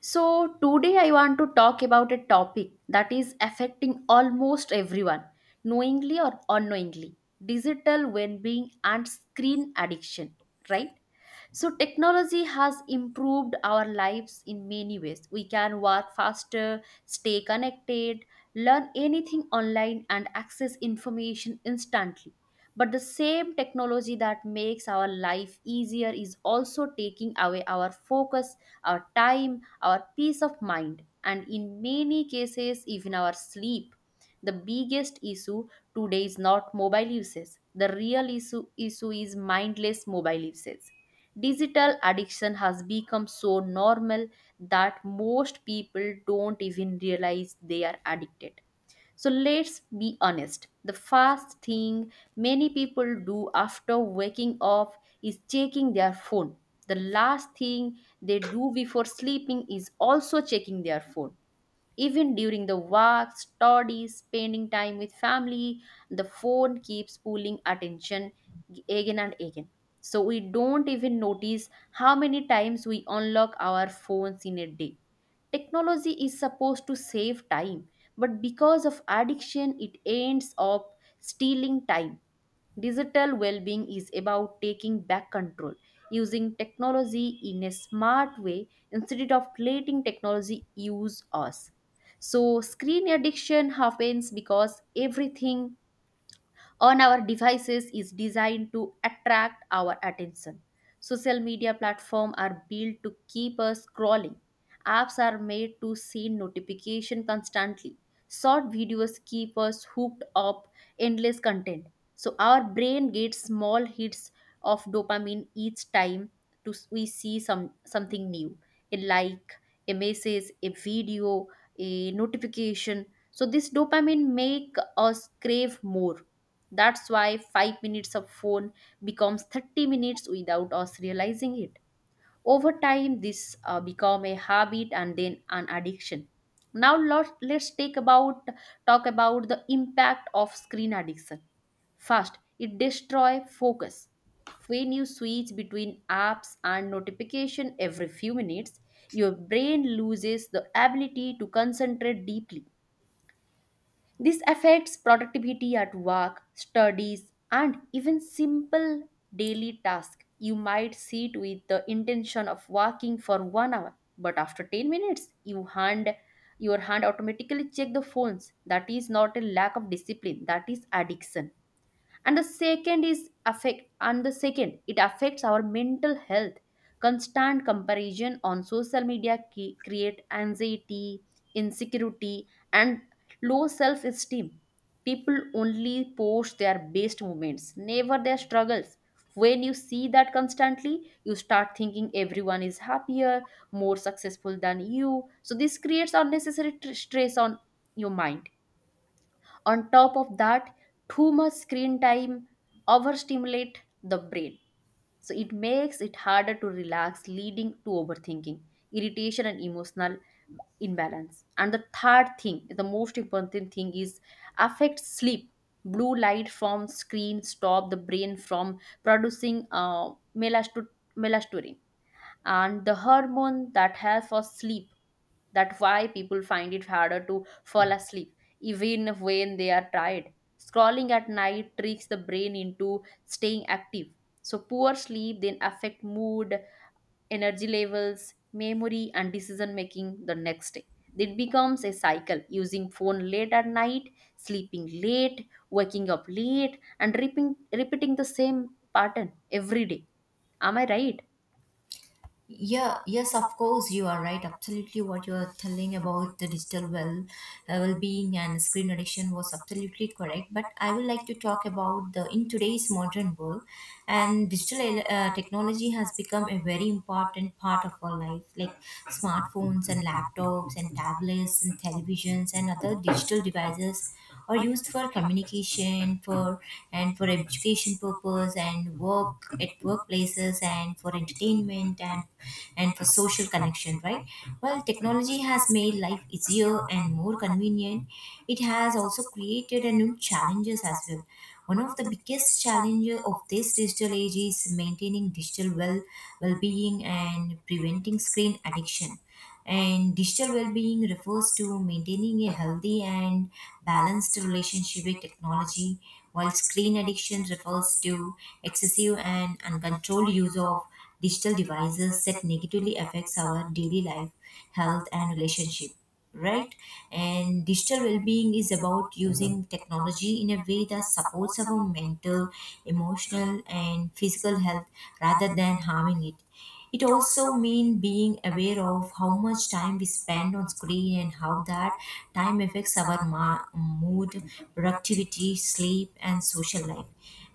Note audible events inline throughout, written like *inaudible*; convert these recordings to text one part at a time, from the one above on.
So, today I want to talk about a topic that is affecting almost everyone, knowingly or unknowingly digital well being and screen addiction, right? So, technology has improved our lives in many ways. We can work faster, stay connected, learn anything online, and access information instantly. But the same technology that makes our life easier is also taking away our focus our time, our peace of mind, and in many cases, even our sleep. The biggest issue today is not mobile uses. The real issue is mindless mobile usage. Digital addiction has become so normal that most people don't even realize they are addicted. So let's be honest. The first thing many people do after waking up is checking their phone. The last thing they do before sleeping is also checking their phone. Even during the walks, studies, spending time with family, the phone keeps pulling attention again and again. So we don't even notice how many times we unlock our phones in a day. Technology is supposed to save time, but because of addiction, it ends up stealing time. Digital well being is about taking back control, using technology in a smart way instead of letting technology use us. So, screen addiction happens because everything on our devices is designed to attract our attention. Social media platforms are built to keep us scrolling. Apps are made to send notification constantly. Short videos keep us hooked up endless content. So our brain gets small hits of dopamine each time to we see something new, a like, a message, a video, a notification. So this dopamine make us crave more, that's why 5 minutes of phone becomes 30 minutes without us realizing it. Over time, this become a habit and then an addiction. Now lot- let's take about talk about the impact of screen addiction. First, it destroy focus. When you switch between apps and notification every few minutes, your brain loses the ability to concentrate deeply. This affects productivity at work, studies, and even simple daily tasks. You might sit with the intention of working for 1 hour, but after 10 minutes, your hand automatically check the phones. That is not a lack of discipline, that is addiction. And the second it affects our mental health. Constant comparison on social media create anxiety, insecurity, and low self esteem. People only post their best moments, never their struggles. When you see that constantly, you start thinking everyone is happier, more successful than you. So this creates unnecessary stress on your mind. On top of that, too much screen time overstimulate the brain, so it makes it harder to relax, leading to overthinking, irritation, and emotional imbalance. And the third thing, the most important thing is affects sleep. Blue light from screen stop the brain from producing melatonin and the hormone that helps for sleep. That's why people find it harder to fall asleep even when they are tired. Scrolling at night tricks the brain into staying active. So poor sleep then affect mood, energy levels, memory, and decision making the next day. It becomes a cycle, using phone late at night, sleeping late, waking up late, and repeating the same pattern every day. Am I right? Yeah, yes, of course, you are right. Absolutely, what you are telling about the digital well-being and screen addiction was absolutely correct. But I would like to talk about the in today's modern world, and digital technology has become a very important part of our life, like smartphones and laptops and tablets and televisions and other digital devices are used for communication, for education purpose and work at workplaces and for entertainment and for social connection, right? Well, technology has made life easier and more convenient, it has also created a new challenges as well. One of the biggest challenges of this digital age is maintaining digital well being and preventing screen addiction, and digital well being refers to maintaining a healthy and balanced relationship with technology, while screen addiction refers to excessive and uncontrolled use of digital devices that negatively affects our daily life, health, and relationship, right? And digital well-being is about using technology in a way that supports our mental, emotional, and physical health rather than harming it. It also means being aware of how much time we spend on screen and how that time affects our mood, productivity, sleep, and social life.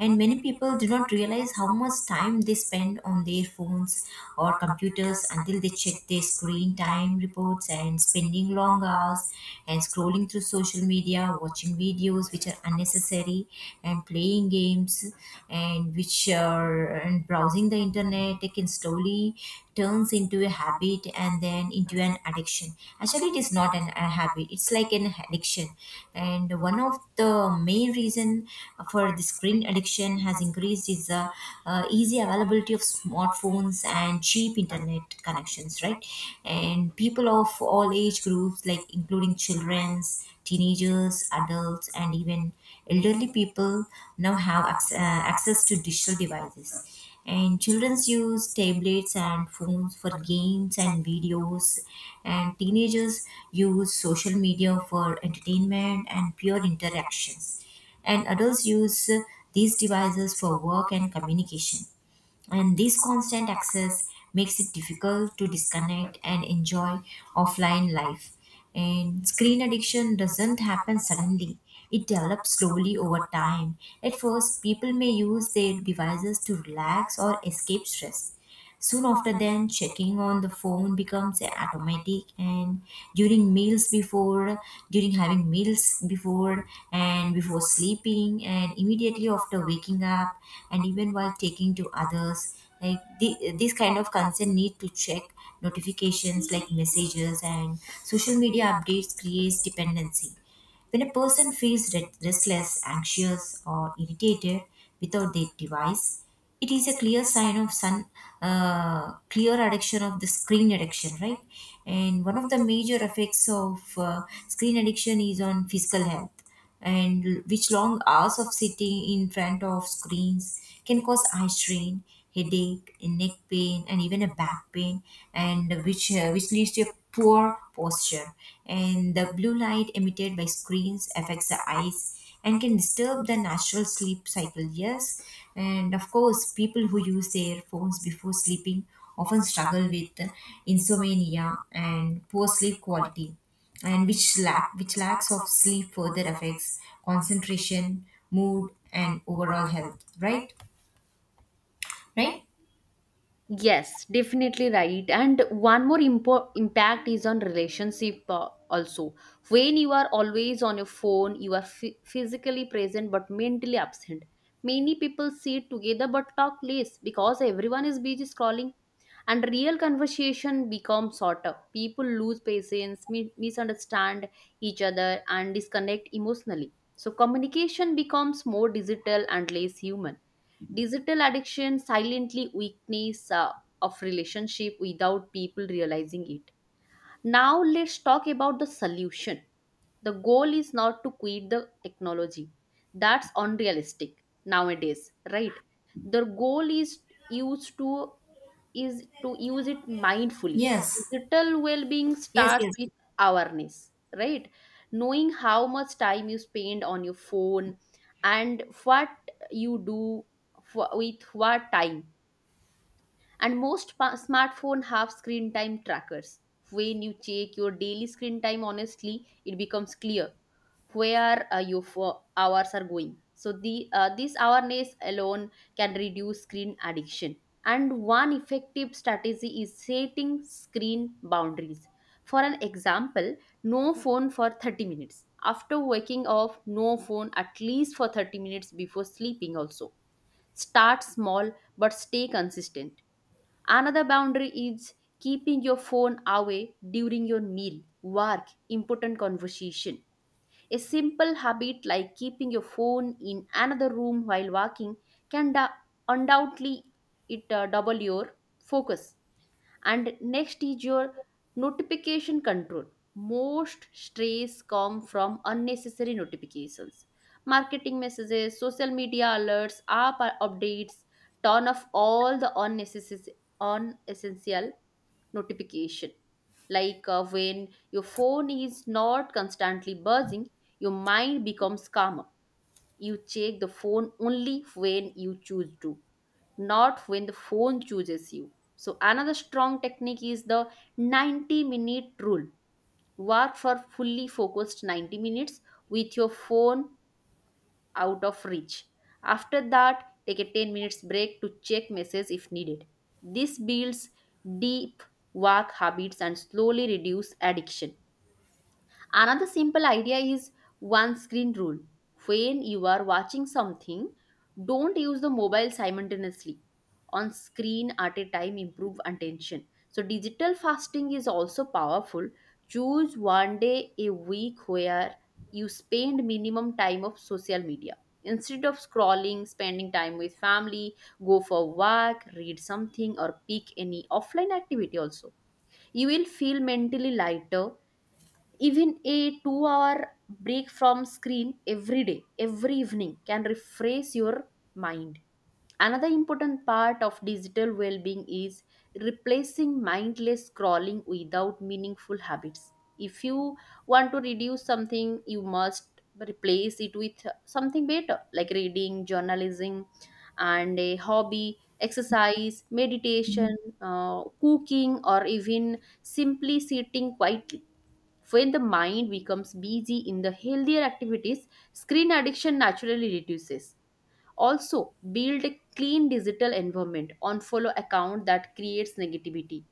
And many people do not realize how much time they spend on their phones or computers until they check their screen time reports, and spending long hours and scrolling through social media, watching videos which are unnecessary, and playing games, and which are, and browsing the internet taken slowly turns into a habit and then into an addiction. Actually it is not a habit, it's like an addiction. And one of the main reason for the screen addiction has increased is the easy availability of smartphones and cheap internet connections, right? And people of all age groups like including children's, teenagers, adults, and even elderly people now have access to digital devices, and children use tablets and phones for games and videos, and teenagers use social media for entertainment and pure interactions, and adults use these devices for work and communication. And this constant access makes it difficult to disconnect and enjoy offline life. And screen addiction doesn't happen suddenly, it develops slowly over time. At first people may use their devices to relax or escape stress. Soon after then, checking on the phone becomes automatic, and during meals before, during having meals before, and before sleeping, and immediately after waking up, and even while taking to others, like this kind of concern need to check notifications like messages and social media updates creates dependency. When a person feels restless, anxious, or irritated without their device, it is a clear sign of clear addiction of the screen addiction, right? And one of the major effects of screen addiction is on physical health, and l- which long hours of sitting in front of screens can cause eye strain, headache, and neck pain, and even a back pain, and which leads to a poor posture. And the blue light emitted by screens affects the eyes and can disturb the natural sleep cycle, yes. And of course people who use their phones before sleeping often struggle with insomnia and poor sleep quality, and which lacks of sleep further affects concentration, mood, and overall health, right? Right? Yes, definitely right. And one more impact is on relationship also. When you are always on your phone, you are physically present but mentally absent. Many people sit together but talk less because everyone is busy scrolling and real conversation becomes shorter. People lose patience, misunderstand each other and disconnect emotionally. So communication becomes more digital and less human. Digital addiction silently weakness of relationship without people realizing it. Now let's talk about the solution. The goal is not to quit the technology. That's unrealistic nowadays, right? The goal is used to is to use it mindfully. Yes. Digital well-being Yes. starts Yes. with awareness, right? Knowing how much time you spend on your phone and what you do for, with what time. And smartphone have screen time trackers. When you check your daily screen time honestly, it becomes clear where your hours are going. So the this awareness alone can reduce screen addiction. And one effective strategy is setting screen boundaries. For an example, no phone for 30 minutes after waking up, no phone at least for 30 minutes before sleeping also. Start small but stay consistent. Another boundary is keeping your phone away during your meal, work, important conversation. A simple habit like keeping your phone in another room while walking can undoubtedly it double your focus. And next is your notification control. Most stress come from unnecessary notifications, marketing messages, social media alerts, app updates. Turn off all the unnecessary unessential notification. When your phone is not constantly buzzing, your mind becomes calmer. You check the phone only when you choose to, not when the phone chooses you. So, another strong technique is the 90-minute rule. Work for fully focused 90 minutes with your phone out of reach. After that, take a 10 minutes break to check messages if needed. This builds deep work habits and slowly reduce addiction. Another simple idea is one screen rule. When you are watching something, don't use the mobile simultaneously. On screen at a time improve attention. So digital fasting is also powerful. Choose one day a week where you spend minimum time of social media. Instead of scrolling, spending time with family, go for walk, read something or pick any offline activity also. You will feel mentally lighter. Even a 2 hour break from screen every day, every evening can refresh your mind. Another important part of digital well being is replacing mindless scrolling without meaningful habits. If you want to reduce something, you must replace it with something better, like reading, journalism, and a hobby, exercise, meditation, cooking, or even simply sitting quietly. When the mind becomes busy in the healthier activities, screen addiction naturally reduces. Also, build a clean digital environment, unfollow account that creates negativity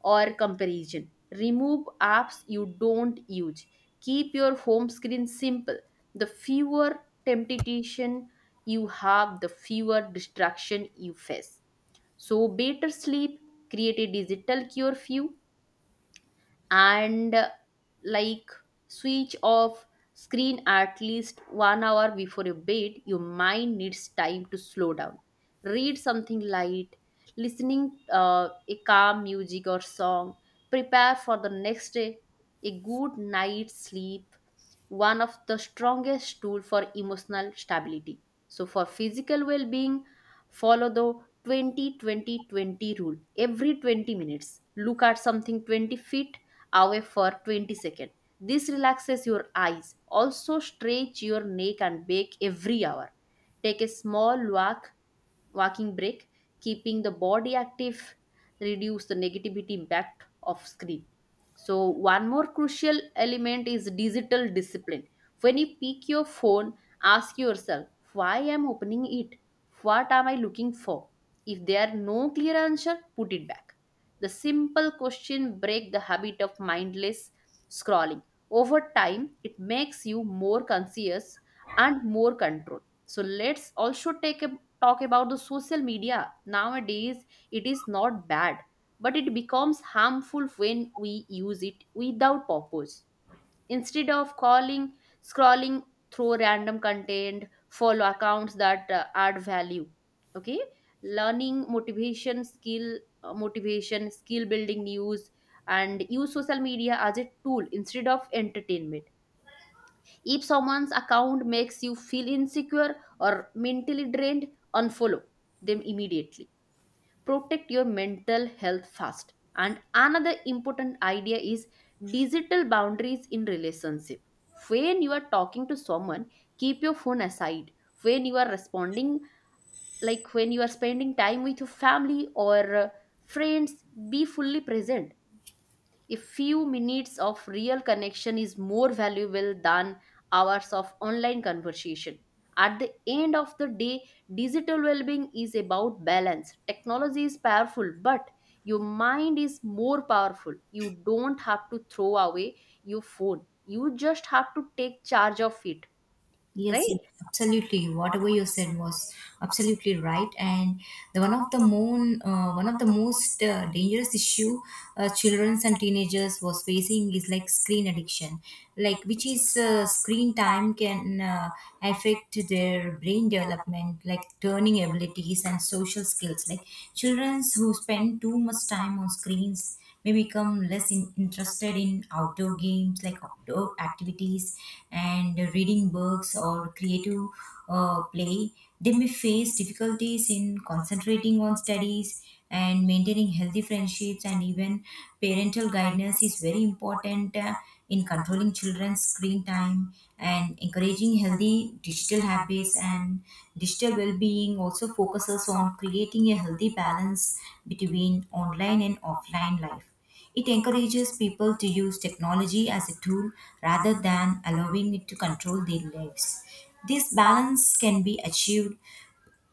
or comparison. Remove apps you don't use. Keep your home screen simple. The fewer temptation you have, the fewer distraction you face. So better sleep, create a digital curfew and like switch off screen at least 1 hour before your bed. Your mind needs time to slow down, read something light, listening a calm music or song, prepare for the next day. A good night's sleep, one of the strongest tool for emotional stability. So for physical well-being, follow the 20-20-20 rule. Every 20 minutes, look at something 20 feet away for 20 seconds. This relaxes your eyes. Also, stretch your neck and back every hour. Take a small walking break, keeping the body active, reduce the negativity impact of screen. So one more crucial element is digital discipline. When you pick your phone, ask yourself, why I'm opening it? What am I looking for? If there are no clear answer, put it back. The simple question break the habit of mindless scrolling. Over time, it makes you more conscious and more controlled. So let's also take a talk about the social media. Nowadays, it is not bad, but it becomes harmful when we use it without purpose. Instead of calling, scrolling through random content, follow accounts that add value, okay, learning, motivation, skill building, news, and use social media as a tool instead of entertainment. If someone's account makes you feel insecure or mentally drained, unfollow them immediately. Protect your mental health first. And another important idea is digital boundaries in relationship. When you are talking to someone, keep your phone aside. When you are responding, like when you are spending time with your family or friends, be fully present. A few minutes of real connection is more valuable than hours of online conversation. At the end of the day, digital well being is about balance. Technology is powerful, but your mind is more powerful. You don't have to throw away your phone, you just have to take charge of it, Yes, yes, right? absolutely. Whatever you said was absolutely right. And the one of the moon, one of the most dangerous issue children and teenagers was facing is like screen addiction, like which is screen time can affect their brain development, like learning abilities and social skills. Like children who spend too much time on screens may become less interested in outdoor games, like outdoor activities and reading books or creative play. They may face difficulties in concentrating on studies and maintaining healthy friendships, and even parental guidance is very important. In controlling children's screen time and encouraging healthy digital habits, and digital well-being also focuses on creating a healthy balance between online and offline life. It encourages people to use technology as a tool rather than allowing it to control their lives. This balance can be achieved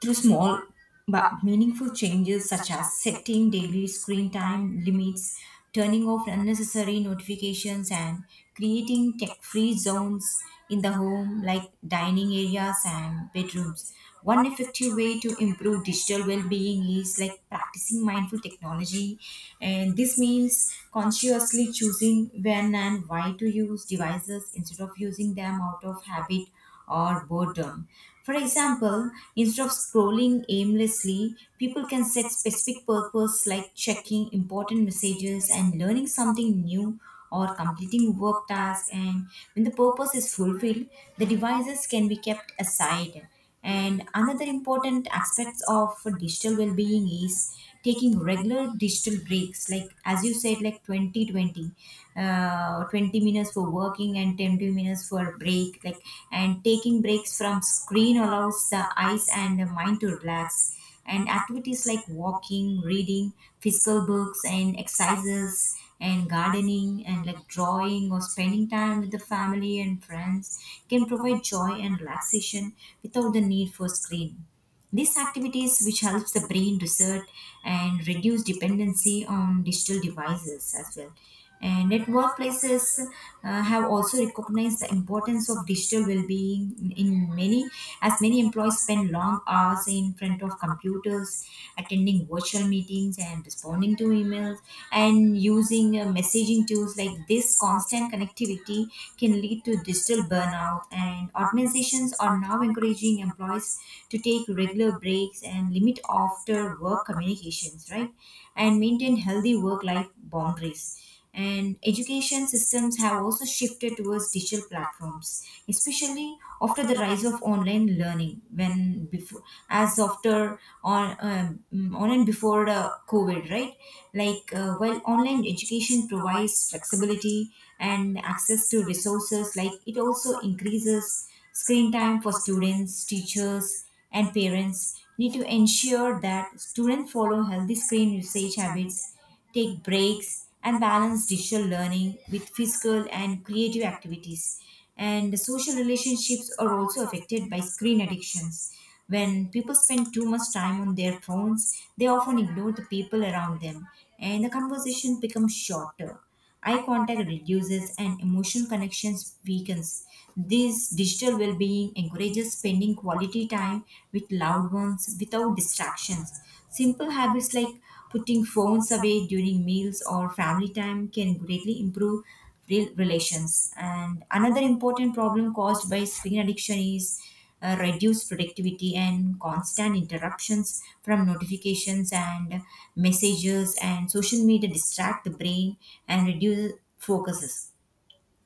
through small but meaningful changes such as setting daily screen time limits, turning off unnecessary notifications, and creating tech free zones in the home like dining areas and bedrooms. One effective way to improve digital well being is like practicing mindful technology, and this means consciously choosing when and why to use devices instead of using them out of habit or boredom. For example, instead of scrolling aimlessly, people can set specific purpose like checking important messages and learning something new or completing work tasks, and when the purpose is fulfilled, the devices can be kept aside. And another important aspect of digital well-being is taking regular digital breaks. Like as you said, like 20-20, 20, 20 minutes for working and 10 minutes for break. Like, and taking breaks from screen allows the eyes and the mind to relax. And activities like walking, reading, physical books, and exercises, and gardening, and like drawing or spending time with the family and friends can provide joy and relaxation without the need for screen. These activities, which helps the brain reset and reduce dependency on digital devices as well. And at workplaces have also recognized the importance of digital well-being in many, as many employees spend long hours in front of computers, attending virtual meetings and responding to emails, and using messaging tools like this. Constant connectivity can lead to digital burnout, and organizations are now encouraging employees to take regular breaks and limit after work communications, right? And maintain healthy work life boundaries. And education systems have also shifted towards digital platforms, especially after the rise of online learning. When before, as after on and before the COVID, right? Like while online education provides flexibility and access to resources, like it also increases screen time for students. Teachers and parents need to ensure that students follow healthy screen usage habits, take breaks, and balance digital learning with physical and creative activities. And social relationships are also affected by screen addictions. When people spend too much time on their phones, they often ignore the people around them, and the conversation becomes shorter. Eye contact reduces and emotional connections weakens. This digital well-being encourages spending quality time with loved ones without distractions. Simple habits like putting phones away during meals or family time can greatly improve real relations. And another important problem caused by screen addiction is reduced productivity, and constant interruptions from notifications and messages and social media distract the brain and reduce focuses.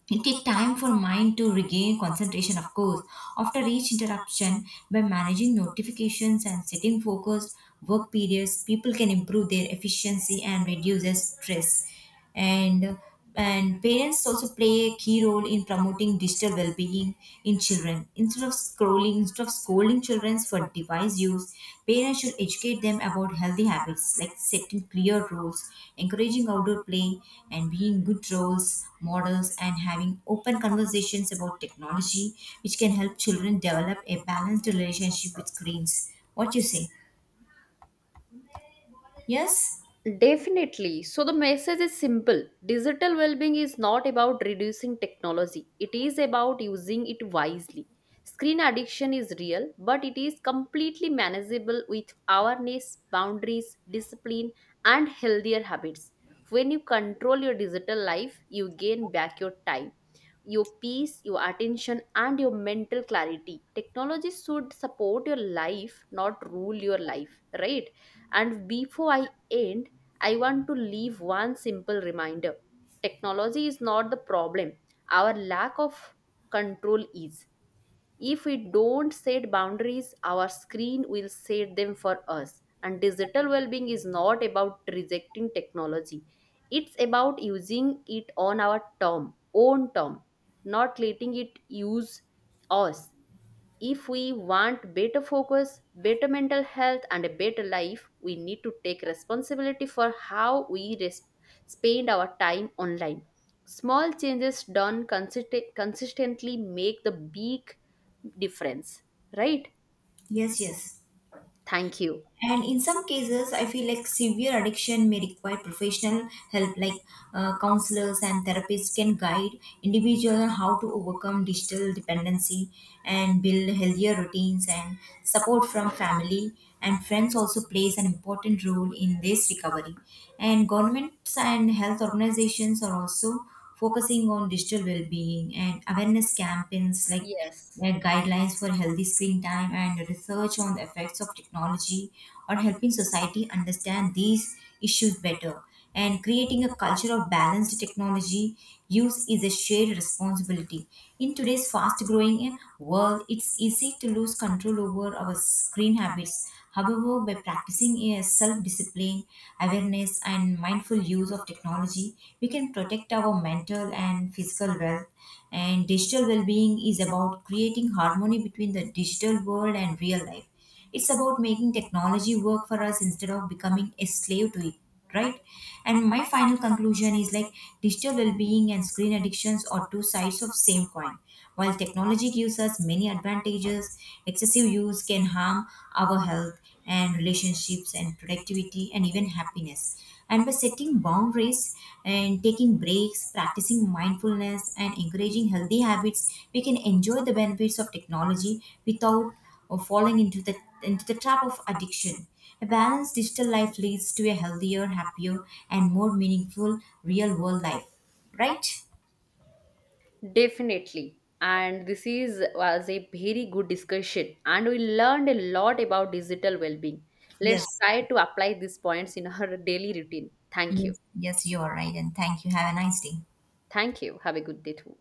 It takes time for mind to regain concentration, of course, after each interruption. By managing notifications and setting focused work periods, people can improve their efficiency and reduce their stress. and and parents also play a key role in promoting digital well-being in children. Instead of scolding children for device use, parents should educate them about healthy habits like setting clear rules, encouraging outdoor play, and being good roles models, and having open conversations about technology, which can help children develop a balanced relationship with screens. What you say? Yes, Definitely. So the message is simple. Digital well-being is not about reducing technology. It is about using it wisely. Screen addiction is real, but it is completely manageable with awareness, boundaries, discipline, and healthier habits. When you control your digital life, you gain back your time, your peace, your attention, and your mental clarity. Technology should support your life, not rule your life, right? And before I end, I want to leave one simple reminder. Technology is not the problem, our lack of control is. If we don't set boundaries, our screen will set them for us. And digital well being is not about rejecting technology, it's about using it on our term, own term, not letting it use us. If we want better focus, better mental health, and a better life, we need to take responsibility for how we spend our time online. Small changes done consistently make the big difference, right? yes, yes. Thank you. And in some cases, I feel like severe addiction may require professional help, like counselors and therapists can guide individuals on how to overcome digital dependency and build healthier routines. And support from family and friends also plays an important role in this recovery. And governments and health organizations are also focusing on digital well-being and awareness campaigns like Yes, like guidelines for healthy screen time, and research on the effects of technology are helping society understand these issues better. And creating a culture of balanced technology use is a shared responsibility. In today's fast growing world, it's easy to lose control over our screen habits. However, by practicing a self discipline, awareness, and mindful use of technology, we can protect our mental and physical well. And digital well being is about creating harmony between the digital world and real life. It's about making technology work for us instead of becoming a slave to it, right? And my final conclusion is like digital well-being and screen addictions are two sides of same coin. While technology gives us many advantages, excessive use can harm our health and relationships and productivity and even happiness. And by setting boundaries and taking breaks, practicing mindfulness, and encouraging healthy habits, we can enjoy the benefits of technology without or falling into the trap of addiction. A balanced digital life leads to a healthier, happier, and more meaningful real world life. Right? definitely. And this is was a very good discussion, and we learned a lot about digital well-being. Let's Yes. try to apply these points in our *laughs* daily routine. Thank you. Yes, yes, you are right. And thank you. Have a nice day. Thank you. Have a good day too.